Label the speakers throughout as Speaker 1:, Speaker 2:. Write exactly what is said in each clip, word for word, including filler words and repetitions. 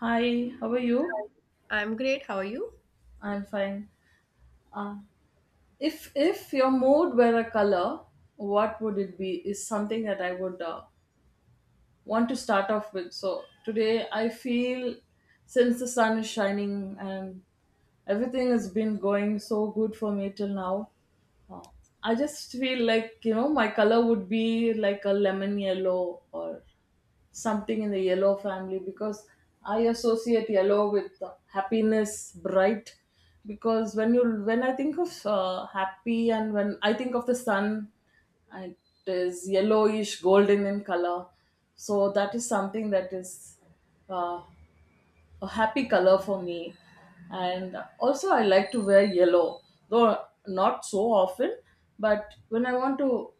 Speaker 1: Hi, how are you?
Speaker 2: I'm great. How are you?
Speaker 1: I'm fine. Uh, if if your mood were a color, what would it be? Is something that I would uh, want to start off with. So today I feel since the sun is shining and everything has been going so good for me till now, uh, I just feel like you know my color would be like a lemon yellow or something in the yellow family because I associate yellow with uh, happiness, bright. Because when you when I think of uh, happy and when I think of the sun, it is yellowish, golden in color. So that is something that is uh, a happy color for me. And also, I like to wear yellow, though not so often. But when I want to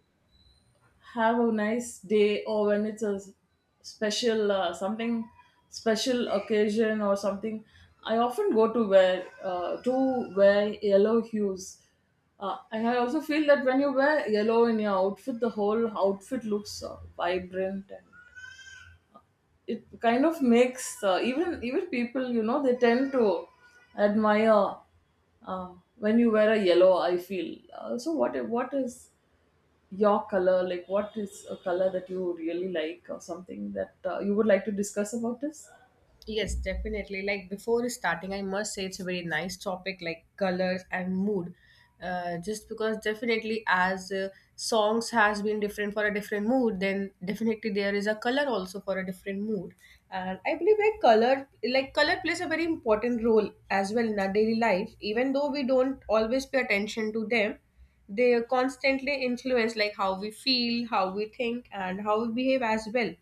Speaker 1: have a nice day or when it's a s- special uh, something special occasion or something I often go to wear uh, to wear yellow hues, uh, and I also feel that when you wear yellow in your outfit the whole outfit looks uh, vibrant and it kind of makes uh, even even people, you know they tend to admire uh, when you wear a yellow, I feel. Uh, so what what is your color, like what is a color that you really like or something that uh, you would like to discuss about this?
Speaker 2: Yes, definitely. Like before starting, I must say it's a very nice topic, like colors and mood. Uh, just because definitely as uh, songs has been different for a different mood, then definitely there is a color also for a different mood. And I believe like color, like color plays a very important role as well in our daily life. Even though we don't always pay attention to them, they constantly influence like how we feel, how we think, and how we behave as well.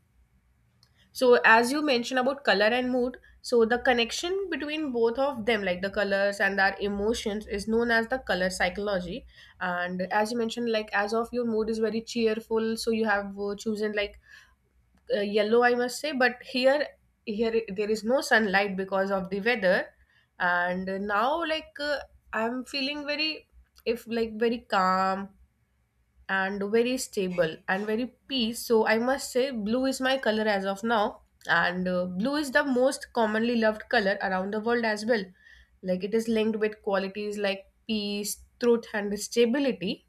Speaker 2: So as you mentioned about color and mood, so the connection between both of them, like the colors and our emotions, is known as the color psychology. And as you mentioned, like as of your mood is very cheerful, so you have uh, chosen like uh, yellow, I must say. But here, here i- there is no sunlight because of the weather, and now like uh, I'm feeling very, if like very calm and very stable and very peace, so I must say blue is my color as of now. And uh, blue is the most commonly loved color around the world as well. Like it is linked with qualities like peace, truth and stability,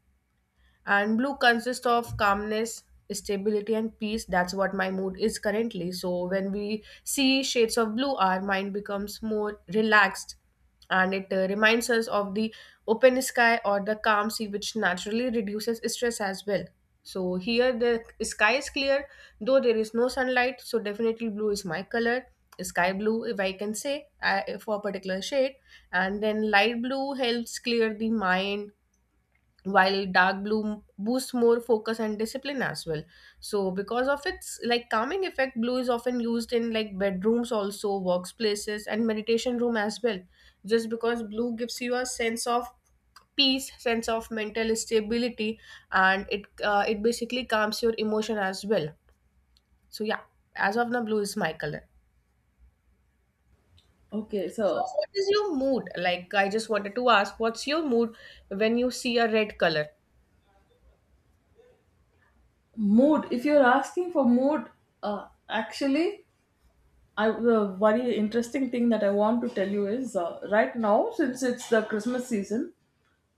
Speaker 2: and blue consists of calmness, stability, and peace. That's what my mood is currently. So when we see shades of blue, our mind becomes more relaxed and it uh, reminds us of the open sky or the calm sea, which naturally reduces stress as well. So here the sky is clear, though there is no sunlight. So definitely blue is my color. Sky blue, if I can say, I, for a particular shade, and then light blue helps clear the mind while dark blue boosts more focus and discipline as well. So because of its like calming effect, blue is often used in like bedrooms, also workplaces and meditation room as well, just because blue gives you a sense of peace, sense of mental stability, and it uh, it basically calms your emotion as well. So yeah, as of now blue is my color.
Speaker 1: Okay,
Speaker 2: So
Speaker 1: so
Speaker 2: what is your mood, like I just wanted to ask what's your mood when you see a red color?
Speaker 1: mood, if you're asking for mood, uh, actually, I the very interesting thing that I want to tell you is uh, right now, since it's the Christmas season,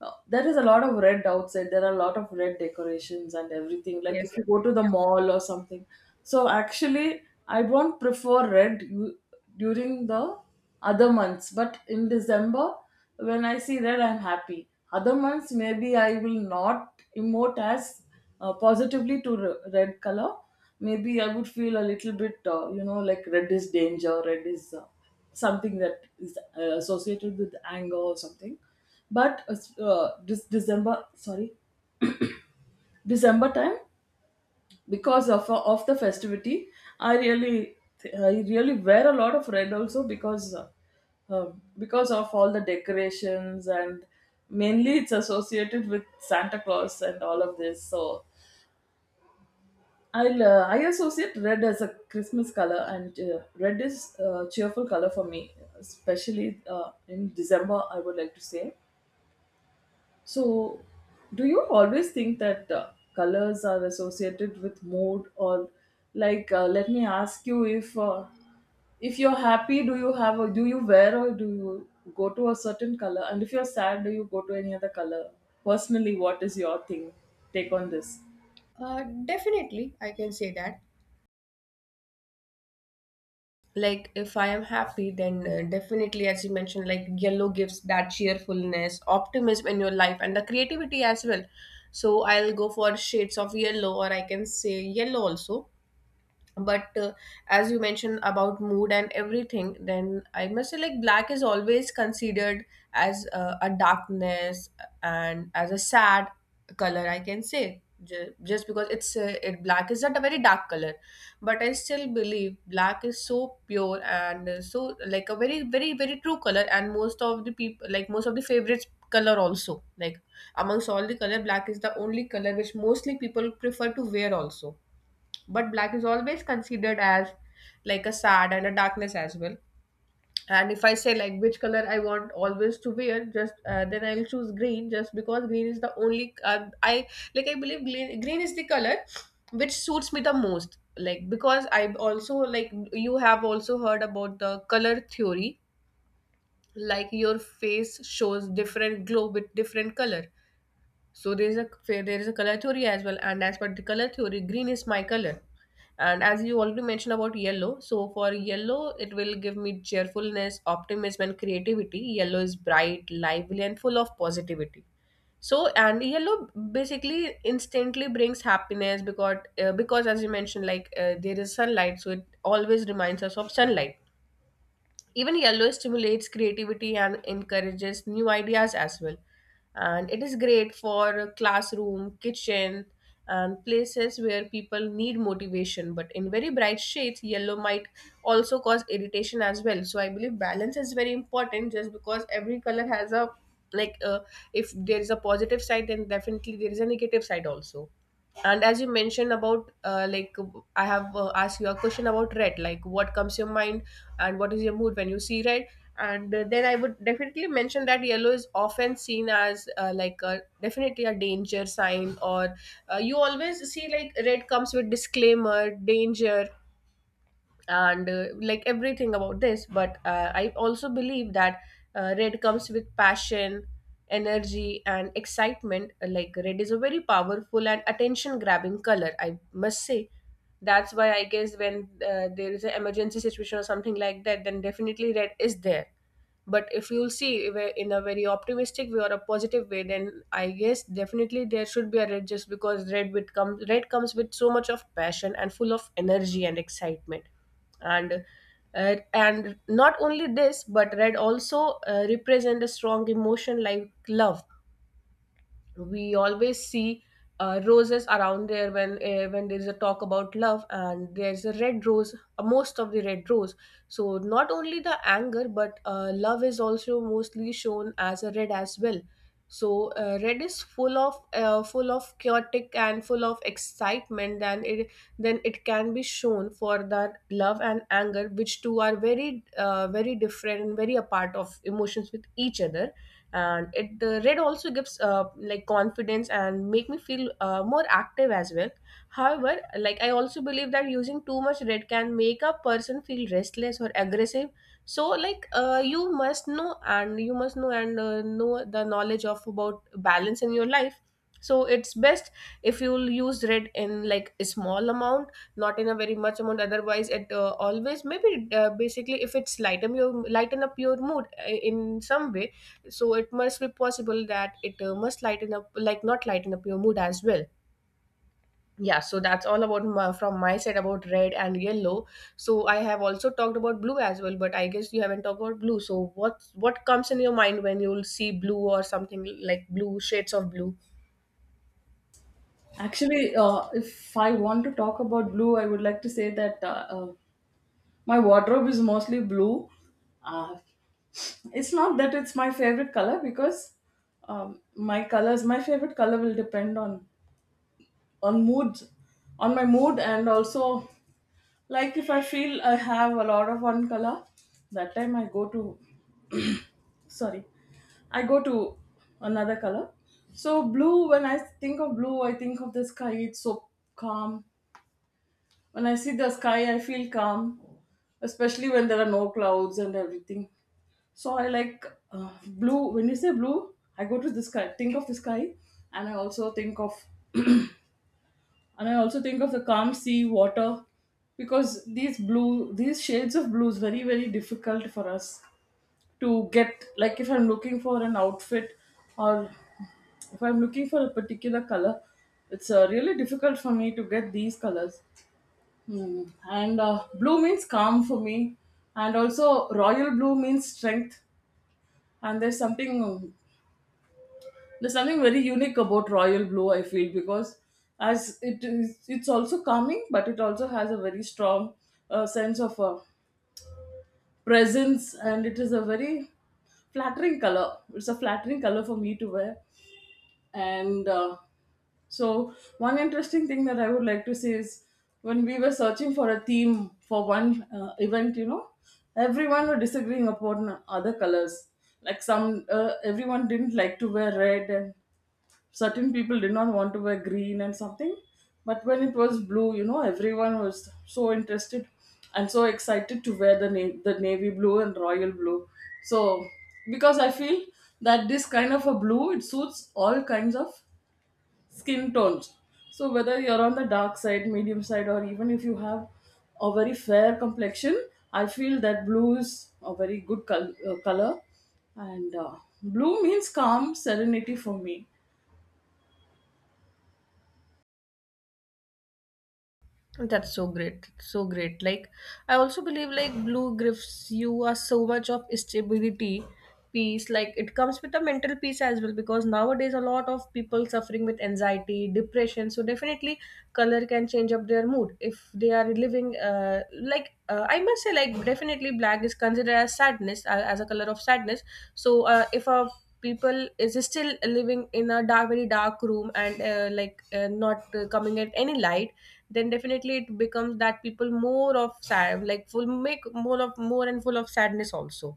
Speaker 1: Uh, there is a lot of red outside, there are a lot of red decorations and everything, like
Speaker 2: Yes.
Speaker 1: if you go to the mall or something. So actually I don't prefer red u- during the other months, but in December when I see red, I'm happy. Other months, maybe I will not emote as uh, positively to re- red color. Maybe I would feel a little bit, uh, you know like red is danger, red is uh, something that is uh, associated with anger or something. But uh, this december sorry December time, because of uh, of the festivity, i really I really wear a lot of red, also because uh, um, because of all the decorations and mainly it's associated with Santa Claus and all of this. So I'll, uh, I associate red as a Christmas color, and uh, red is a cheerful color for me, especially uh, in December, I would like to say. So, do you always think that uh, colors are associated with mood, or like, uh, let me ask you, if uh, if you're happy, do you have a, do you wear or do you go to a certain color, and if you're sad, do you go to any other color? Personally, what is your thing take on this?
Speaker 2: Uh, definitely, I can say that. Like, if I am happy, then uh, definitely, as you mentioned, like yellow gives that cheerfulness, optimism in your life, and the creativity as well. So, I'll go for shades of yellow, or I can say yellow also. But uh, as you mentioned about mood and everything, then I must say like black is always considered as uh, a darkness and as a sad color, I can say, ju- just because it's uh, it black is not a very dark color, but I still believe black is so pure and uh, so like a very very very true color, and most of the people like most of the favorites color also, like amongst all the color, black is the only color which mostly people prefer to wear also. But black is always considered as like a sad and a darkness as well. And if I say like which color I want always to wear, just uh, then I'll choose green, just because green is the only uh, I like I believe green, green is the color which suits me the most. Like because I also like you have also heard about the color theory, like your face shows different glow with different color. So there is a there is a color theory as well, and as per the color theory, green is my color. And as you already mentioned about yellow, so for yellow, it will give me cheerfulness, optimism, and creativity. Yellow is bright, lively, and full of positivity. So and yellow basically instantly brings happiness because uh, because as you mentioned, like uh, there is sunlight, so it always reminds us of sunlight. Even yellow stimulates creativity and encourages new ideas as well. And it is great for classroom, kitchen, and places where people need motivation. But in very bright shades, yellow might also cause irritation as well. So I believe balance is very important just because every color has a like uh, if there is a positive side, then definitely there is a negative side also. And as you mentioned about uh, like I have uh, asked you a question about red, like what comes to your mind and what is your mood when you see red. And uh, then I would definitely mention that yellow is often seen as uh, like a, definitely a danger sign. Or uh, you always see like red comes with disclaimer danger and uh, like everything about this. But uh, I also believe that uh, red comes with passion, energy and excitement. Uh, like red is a very powerful and attention grabbing color, I must say. That's why I guess when uh, there is an emergency situation or something like that, then definitely red is there. But if you'll see where- in a very optimistic way or a positive way, then I guess definitely there should be a red, just because red with comes red comes with so much of passion and full of energy and excitement. And uh, and not only this, but red also uh, represent a strong emotion like love. We always see uh, roses around there when uh, when there is a talk about love and there's a red rose, uh, most of the red rose. So not only the anger, but uh, love is also mostly shown as a red as well. So uh, red is full of uh, full of chaotic and full of excitement, and it then it can be shown for that love and anger, which two are very uh, very different and very apart of emotions with each other. And it uh, red also gives uh, like confidence and make me feel uh, more active as well. However, like I also believe that using too much red can make a person feel restless or aggressive. So like uh, you must know and you must know and uh, know the knowledge of about balance in your life. So it's best if you'll use red in like a small amount, not in a very much amount, otherwise it uh, always maybe uh, basically if it's lighten your lighten up your mood uh, in some way. So it must be possible that it uh, must lighten up, like not lighten up your mood as well. Yeah, so that's all about my, from my side about red and yellow. So I have also talked about blue as well, but I guess you haven't talked about blue. So what what comes in your mind when you'll see blue or something like blue, shades of blue?
Speaker 1: Actually, uh, if I want to talk about blue, I would like to say that uh, uh, my wardrobe is mostly blue. Uh, it's not that it's my favorite color, because um, my colors, my favorite color will depend on on mood, on my mood, and also, like if I feel I have a lot of one color, that time I go to, sorry, I go to another color. So blue, when I think of blue, I think of the sky. It's so calm. When I see the sky, I feel calm, especially when there are no clouds and everything. So I like uh, blue. When you say blue, I go to the sky, think of the sky, and I also think of and I also think of the calm sea water, because these blue, these shades of blue is very very difficult for us to get. Like if I'm looking for an outfit or if I'm looking for a particular color, it's uh, really difficult for me to get these colors. Hmm. And uh, blue means calm for me, and also royal blue means strength. And there's something there's something very unique about royal blue. I feel, because as it is, it's also calming, but it also has a very strong uh, sense of uh, presence, and it is a very flattering color. It's a flattering color for me to wear. And uh, so, one interesting thing that I would like to say is when we were searching for a theme for one uh, event, you know, everyone were disagreeing upon other colors. Like some, uh, everyone didn't like to wear red, and certain people did not want to wear green and something. But when it was blue, you know, everyone was so interested and so excited to wear the na- the navy blue and royal blue. So, because I feel that this kind of a blue, it suits all kinds of skin tones. So whether you're on the dark side, medium side, or even if you have a very fair complexion, I feel that blue is a very good col- uh, color. And uh, blue means calm, serenity for me.
Speaker 2: That's so great. That's so great. Like I also believe like blue gives you are so much of stability, peace. Like it comes with a mental peace as well, because nowadays a lot of people suffering with anxiety, depression. So definitely color can change up their mood if they are living. Uh, like uh, I must say, like definitely black is considered as sadness, uh, as a color of sadness. So uh, if a people is still living in a dark very dark room, and uh, like uh, not uh, coming at any light, then definitely it becomes that people more of sad, like full make more of more and full of sadness also.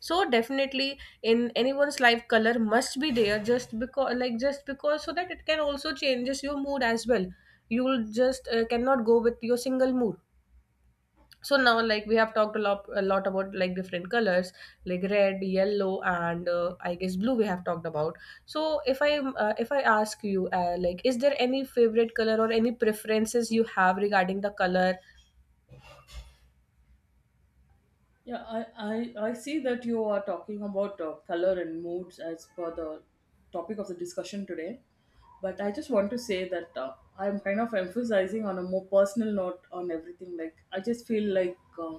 Speaker 2: So definitely in anyone's life color must be there, just because like just because, so that it can also changes your mood as well. You will just uh, cannot go with your single mood. So now like we have talked a lot a lot about like different colors, like red, yellow, and uh, I guess blue we have talked about. So if I uh, if i ask you uh, like is there any favorite color or any preferences you have regarding the color?
Speaker 1: Yeah, I, I, I see that you are talking about uh, color and moods as per the topic of the discussion today. But I just want to say that uh, I'm kind of emphasizing on a more personal note on everything. Like, I just feel like uh,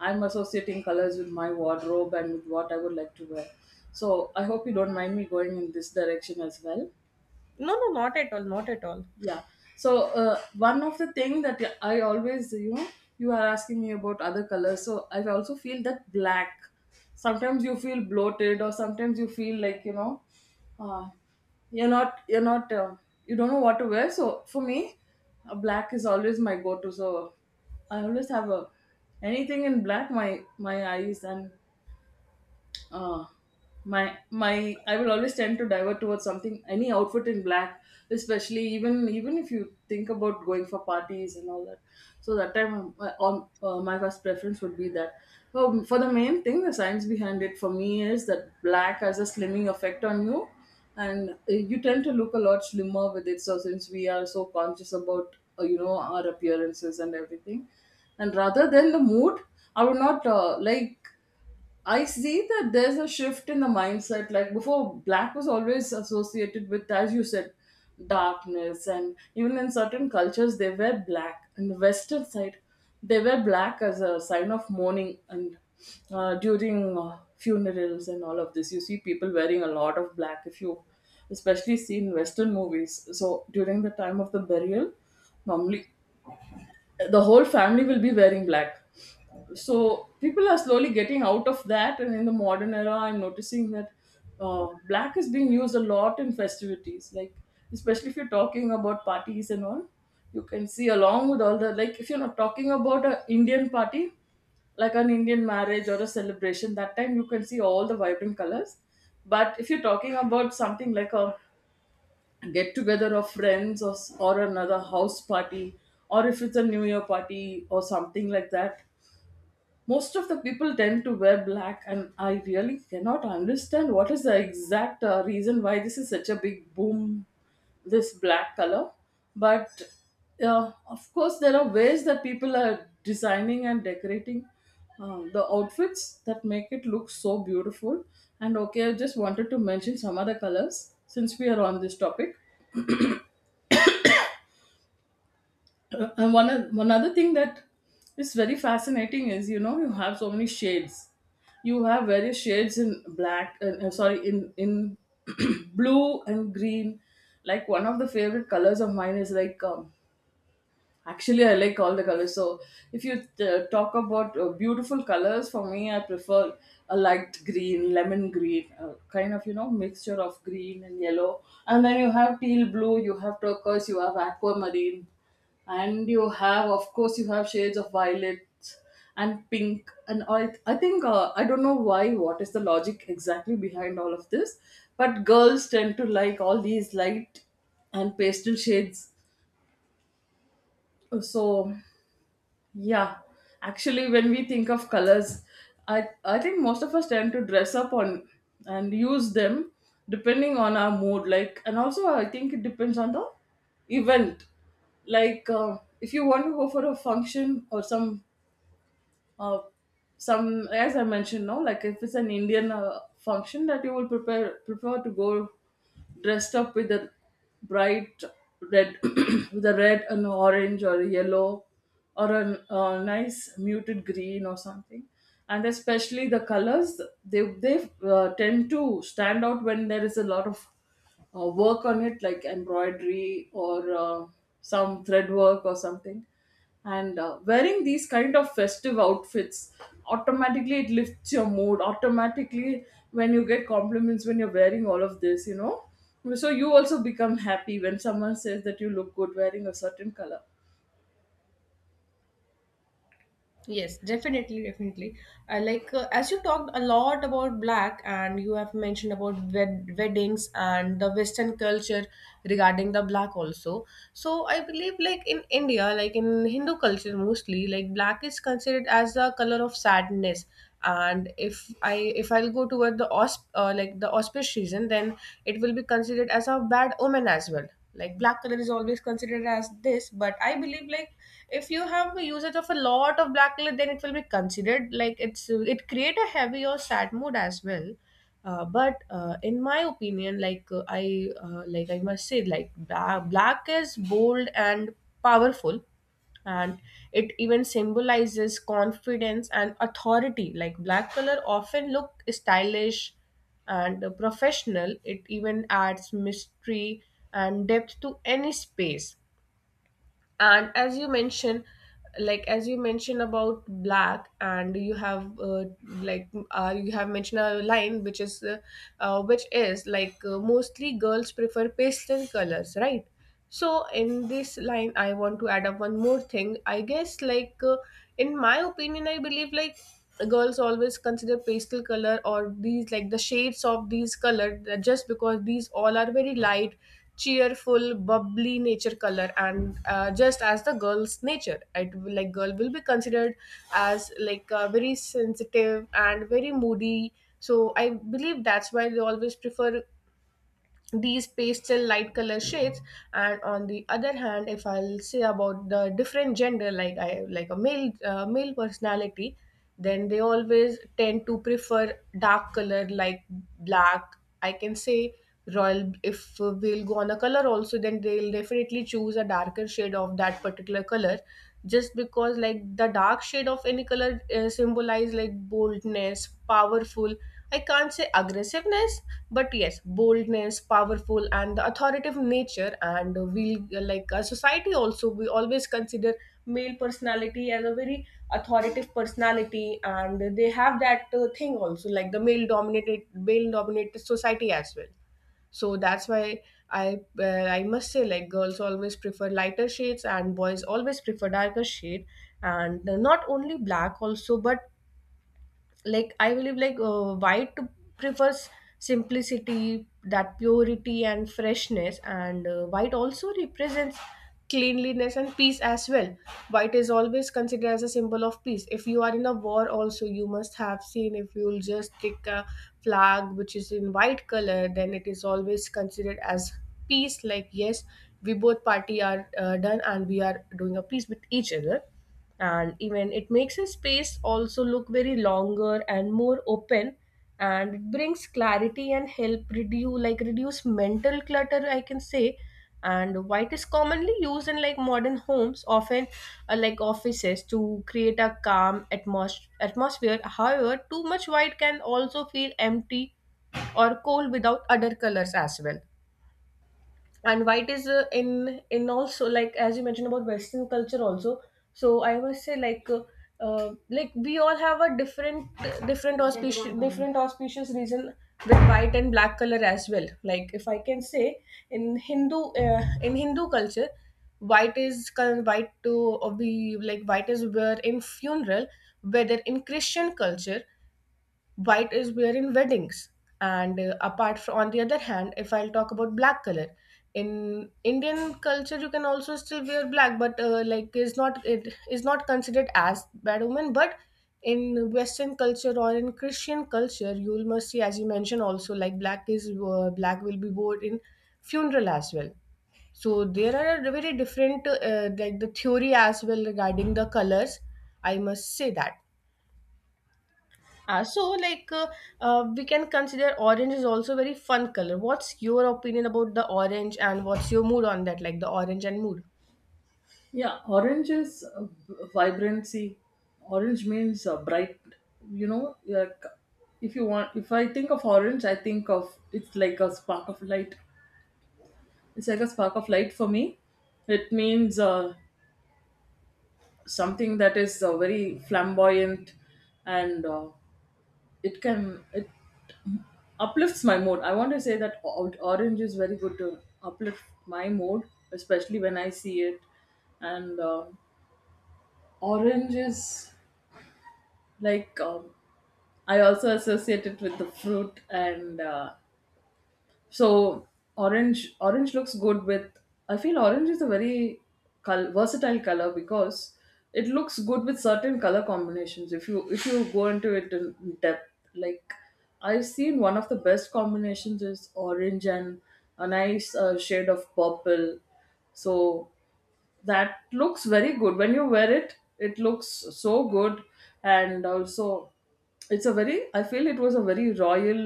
Speaker 1: I'm associating colors with my wardrobe and with what I would like to wear. So I hope you don't mind me going in this direction as well.
Speaker 2: No no not at all, not at all.
Speaker 1: Yeah, so uh, one of the thing that I always, you know, you are asking me about other colors, so I also feel that black, sometimes you feel bloated or sometimes you feel like, you know, uh, you're not you're not uh, you don't know what to wear. So for me, uh, black is always my go-to. So I always have a anything in black, my my eyes and, uh, my my I will always tend to divert towards something, any outfit in black, especially even even if you think about going for parties and all that. So that time, um, uh, on uh, my first preference would be that. Um, for the main thing, the science behind it for me is that black has a slimming effect on you, and uh, you tend to look a lot slimmer with it. So since we are so conscious about, uh, you know our appearances and everything, and rather than the mood, I would not uh, like. I see that there's a shift in the mindset. Like before, black was always associated with, as you said, darkness. And even in certain cultures, they wear black. In the Western side, they wear black as a sign of mourning and uh, during uh, funerals and all of this. You see people wearing a lot of black, if you especially see in Western movies. So during the time of the burial, normally the whole family will be wearing black. So people are slowly getting out of that, and in the modern era, I'm noticing that uh, black is being used a lot in festivities, like especially if you're talking about parties and all. You can see, along with all the, like if you're not talking about an Indian party, like an Indian marriage or a celebration, that time you can see all the vibrant colors. But if you're talking about something like a get together of friends, or s- or another house party, or if it's a new year party or something like that, most of the people tend to wear black, and I really cannot understand what is the exact uh, reason why this is such a big boom, this black color. But uh, of course, there are ways that people are designing and decorating uh, the outfits that make it look so beautiful. And okay, I just wanted to mention some other colors since we are on this topic. Uh, and one oth- one other thing that is very fascinating is, you know, you have so many shades, you have various shades in black and, uh, sorry in in blue and green. Like one of the favorite colors of mine is like, um, actually, I like all the colors. So, if you uh, talk about uh, beautiful colors, for me, I prefer a light green, lemon green, uh, kind of, you know, mixture of green and yellow. And then you have teal blue, you have turquoise, you have aquamarine, and you have, of course, you have shades of violet and pink. And I, I think, uh, I don't know why. What is the logic exactly behind all of this? But girls tend to like all these light and pastel shades. So yeah, actually, when we think of colors, I I think most of us tend to dress up on and use them depending on our mood. Like, and also I think it depends on the event. Like, uh, if you want to go for a function or some uh, some as I mentioned now, like if it's an indian uh, function, that you would prepare prefer to go dressed up with a bright red with a red and orange or a yellow or a uh, nice muted green or something. And especially the colors they they uh, tend to stand out when there is a lot of uh, work on it, like embroidery or uh, some thread work or something. And uh, wearing these kind of festive outfits, automatically it lifts your mood, automatically, when you get compliments, when you're wearing all of this you know So you also become happy when someone says that you look good wearing a certain color.
Speaker 2: Yes, definitely, definitely. I like uh, as you talked a lot about black, and you have mentioned about wed- weddings and the Western culture regarding the black also. So I believe, like in India, like in Hindu culture mostly, like black is considered as the color of sadness, and if i if i'll go toward the ausp uh, like the auspicious season, then it will be considered as a bad omen as well. Like black color is always considered as this, but I believe, like if you have a usage of a lot of black color, then it will be considered like it's it create a heavy or sad mood as well. Uh, but uh, in my opinion, like uh, I uh, like I must say, like bla- black is bold and powerful, and it even symbolizes confidence and authority. Like black color often look stylish and uh, professional. It even adds mystery and depth to any space. And as you mentioned, like as you mentioned about black, and you have uh, like uh, you have mentioned a line which is uh, uh, which is like uh, mostly girls prefer pastel colors, right? So in this line I want to add up one more thing, I guess. Like uh, in my opinion, I believe, like the girls always consider pastel color or these, like the shades of these color, that just because these all are very light, cheerful, bubbly nature color. And uh, just as the girl's nature, it will, like girl will be considered as like uh, very sensitive and very moody. So I believe that's why they always prefer these pastel light color shades. And on the other hand, if I'll say about the different gender, like I like a male uh, male personality, then they always tend to prefer dark color like black, I can say. Royal, if we'll go on a color also, then they'll definitely choose a darker shade of that particular color, just because like the dark shade of any color uh, symbolize like boldness, powerful. I can't say aggressiveness, but yes, boldness, powerful and the authoritative nature. And we, like a society also, we always consider male personality as a very authoritative personality. And they have that uh, thing also, like the male dominated male dominated society as well. So that's why i uh, I must say, like girls always prefer lighter shades and boys always prefer darker shade. And not only black also, but like I believe, like uh, white prefers simplicity, that purity and freshness. And uh, white also represents cleanliness and peace as well. White is always considered as a symbol of peace. If you are in a war also, you must have seen, if you'll just take a flag which is in white color, then it is always considered as peace. Like yes, we both party are uh, done, and we are doing a peace with each other. And even it makes a space also look very longer and more open, and it brings clarity and help reduce, like reduce mental clutter, I can say. And white is commonly used in like modern homes, often uh, like offices, to create a calm atmos- atmosphere. However, too much white can also feel empty or cold without other colors as well. And white is uh, in in also, like as you mentioned about western culture also. So I must say, like uh, uh, like we all have a different, different auspicious different auspicious reason with white and black color as well. Like if I can say, in hindu uh, in Hindu culture, white is col- white to be, like white is wear in funeral, whether in Christian culture white is wear in weddings. And uh, apart from, on the other hand, if I'll talk about black color, in Indian culture you can also still wear black, but uh, like is not, it is not considered as bad woman. But in western culture or in Christian culture, you'll must see, as you mentioned also, like black is uh, black will be worn in funeral as well. So there are very different uh, like the theory as well regarding the colors, I must say that. Uh, so like uh, uh, we can consider orange is also very fun color. What's your opinion about the orange, and what's your mood on that, like the orange and mood?
Speaker 1: Yeah, orange is uh, vibrancy. Orange means uh, bright. You know, like if you want, if I think of orange, I think of, it's like a spark of light. It's like a spark of light for me. It means uh, something that is uh, very flamboyant, and uh, it can it uplifts my mood. I want to say that o- orange is very good to uplift my mood, especially when I see it. And um orange is like, um, I also associate it with the fruit, and uh, so orange orange looks good with— I feel orange is a very col- versatile color because it looks good with certain color combinations, if you if you go into it in depth. Like, I've seen one of the best combinations is orange and a nice uh, shade of purple. So that looks very good when you wear it, it looks so good. And also, it's a very— I feel it was a very royal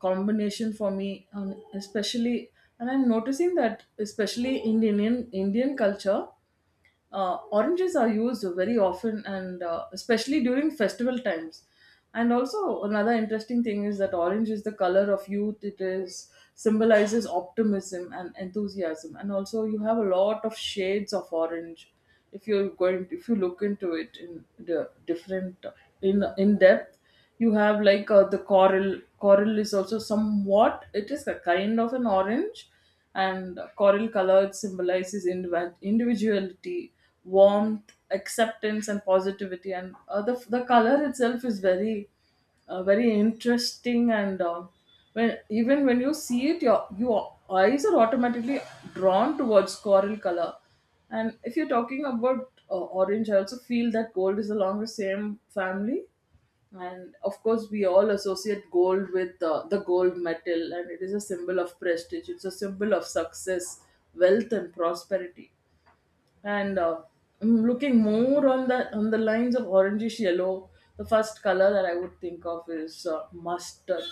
Speaker 1: combination for me, um, especially. And I'm noticing that especially in indian indian culture, uh, oranges are used very often, and uh, especially during festival times. And also, another interesting thing is that orange is the color of youth. It is symbolizes optimism and enthusiasm. And also, you have a lot of shades of orange. If you're going, if you look into it in the different, in in depth, you have like uh, the coral. Coral is also somewhat— it is a kind of an orange, and coral color symbolizes individ- individuality, warmth, acceptance and positivity. And uh, the, the, color itself is very uh, very interesting. And uh, when, even when you see it, your your eyes are automatically drawn towards coral color. And if you're talking about uh, orange, I also feel that gold is along the same family. And of course we all associate gold with uh, the gold medal, and it is a symbol of prestige, it's a symbol of success, wealth and prosperity. And uh, I'm looking more on the on the lines of orangish yellow. The first color that I would think of is uh, mustard.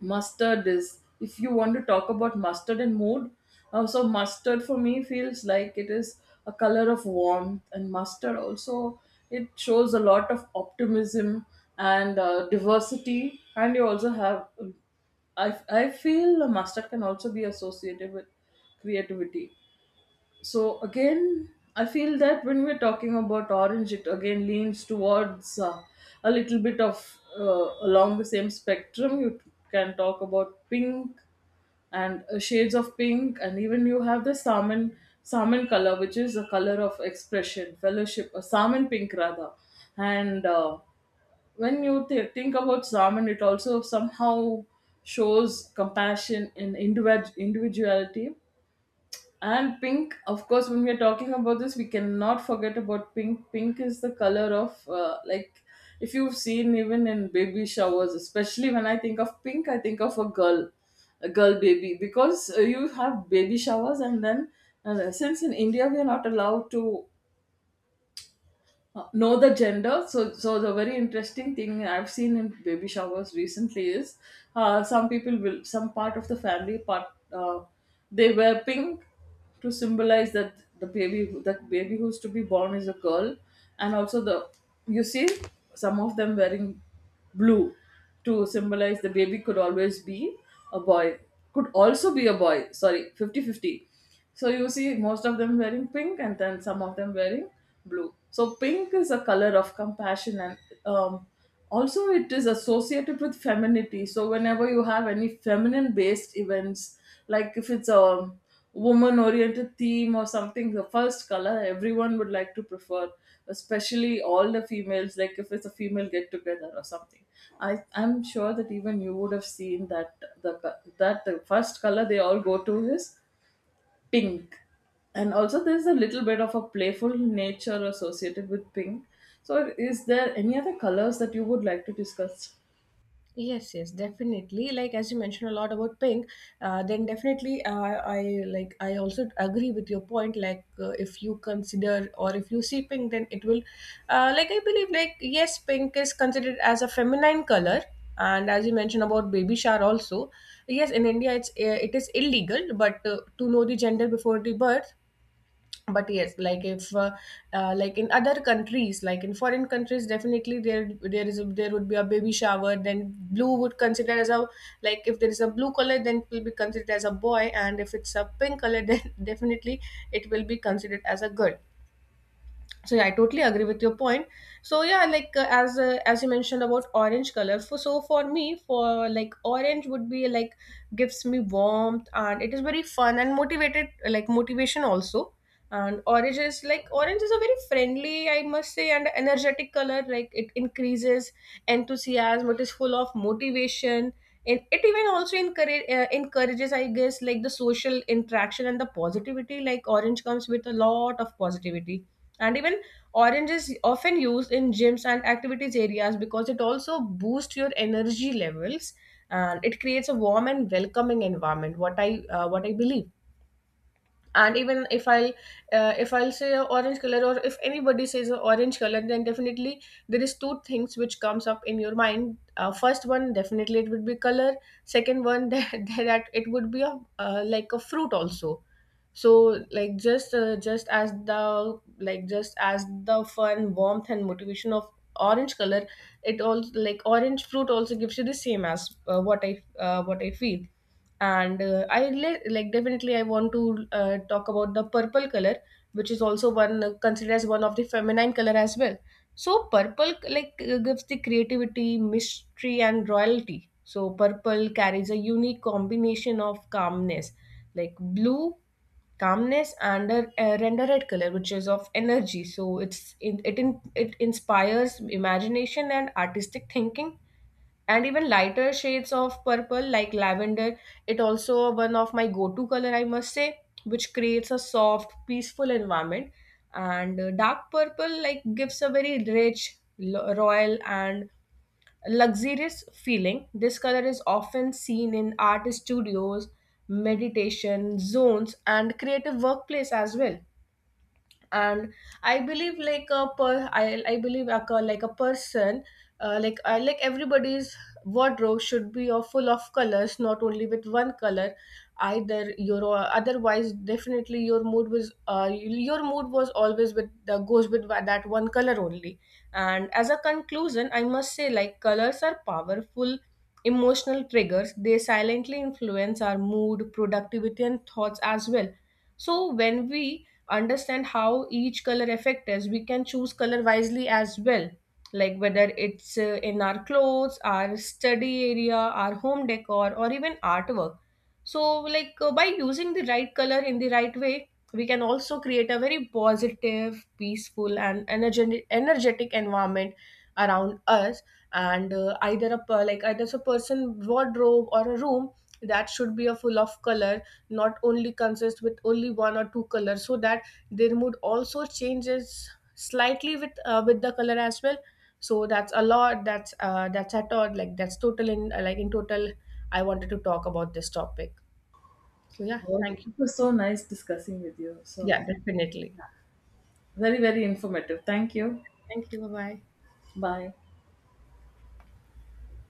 Speaker 1: Mustard is— if you want to talk about mustard and mood, uh, so mustard for me feels like it is a color of warmth. And mustard also, it shows a lot of optimism and uh, diversity. And you also have, um, I, I feel mustard can also be associated with creativity. So again, I feel that when we're talking about orange, it again leans towards uh, a little bit of uh, along the same spectrum. You can talk about pink, and uh, shades of pink, and even you have the salmon salmon color, which is a color of expression, fellowship— a salmon pink, rather. And uh, when you th- think about salmon, it also somehow shows compassion and individ- individuality. And pink, of course, when we are talking about this, we cannot forget about pink. Pink is the color of, uh, like, if you've seen even in baby showers, especially when I think of pink, I think of a girl, a girl baby. Because uh, you have baby showers, and then uh, since in India we are not allowed to uh, know the gender, so so the very interesting thing I've seen in baby showers recently is uh, some people will— some part of the family part, uh, they wear pink to symbolize that the baby that baby who's to be born is a girl. And also, the— you see some of them wearing blue to symbolize the baby could always be a boy, could also be a boy, sorry, fifty fifty. So you see most of them wearing pink and then some of them wearing blue. So pink is a color of compassion and, um, also it is associated with femininity. So whenever you have any feminine based events, like if it's a woman oriented theme or something, the first color everyone would like to prefer, especially all the females, like if it's a female get together or something. I, I'm sure that even you would have seen that the co- that the first color they all go to is pink. And also there's a little bit of a playful nature associated with pink. So is there any other colors that you would like to discuss
Speaker 2: Yes, yes, definitely. Like as you mentioned a lot about pink, uh, then definitely uh, I like, I also agree with your point. Like uh, if you consider or if you see pink, then it will, uh, like I believe, like yes, pink is considered as a feminine color. And as you mentioned about baby shower also, yes, in India it's uh, it is illegal, but uh, to know the gender before the birth. But yes, like if uh, uh, like in other countries, like in foreign countries, definitely there there is a, there would be a baby shower, then blue would consider as a, like if there is a blue color, then it will be considered as a boy, and if it's a pink color then definitely it will be considered as a girl. So yeah, I totally agree with your point. So yeah, like uh, as uh, as you mentioned about orange color, for, so for me, for, like orange would be like, gives me warmth, and it is very fun and motivated, like motivation also. And orange is like orange is a very friendly, I must say, and energetic color. Like it increases enthusiasm, it is full of motivation, and it even also encourage, uh, encourages, I guess, like the social interaction and the positivity. Like orange comes with a lot of positivity. And even orange is often used in gyms and activities areas because it also boosts your energy levels, and it creates a warm and welcoming environment, what I uh, what I believe. And even if i uh, if I'll say a orange color, or if anybody says a orange color, then definitely there is two things which comes up in your mind. Uh, first one, definitely it would be color. Second one, that, that it would be a uh, like a fruit also. So like just uh, just as the, like just as the fun, warmth and motivation of orange color, it also, like orange fruit also gives you the same, as uh, what i uh, what I feel. And uh, i li- like definitely I want to uh, talk about the purple color, which is also one uh, considered as one of the feminine color as well. So purple like uh, gives the creativity, mystery and royalty. So purple carries a unique combination of calmness, like blue calmness, and a, a render red color, which is of energy. So it's it it, in, it inspires imagination and artistic thinking. And even lighter shades of purple like lavender, it also one of my go-to color, I must say, which creates a soft, peaceful environment. And uh, dark purple like gives a very rich, lo- royal and luxurious feeling. This color is often seen in art studios, meditation zones and creative workplace as well. And I believe like a per i, I believe like a, like a person uh, like I like everybody's wardrobe should be of full of colors, not only with one color. Either your uh, otherwise definitely your mood was uh, your mood was always with the, goes with wa- that one color only. And as a conclusion, I must say, like colors are powerful emotional triggers. They silently influence our mood, productivity and thoughts as well. So when we understand how each color affect us, we can choose color wisely as well, like whether it's uh, in our clothes, our study area, our home decor, or even artwork. So like uh, by using the right color in the right way, we can also create a very positive, peaceful, and energetic energetic environment around us. And uh, either a per- like either a person wardrobe or a room, that should be a full of color, not only consist with only one or two colors, so that their mood also changes slightly with uh, with the color as well. So that's a lot, that's uh, that's at all, like that's total in uh, like in total I wanted to talk about this topic. So yeah,
Speaker 1: more? It
Speaker 2: thank you.
Speaker 1: was so nice discussing with you, so—
Speaker 2: Yeah, definitely.
Speaker 1: very, very informative. Thank you.
Speaker 2: Thank you, bye bye.
Speaker 1: Bye.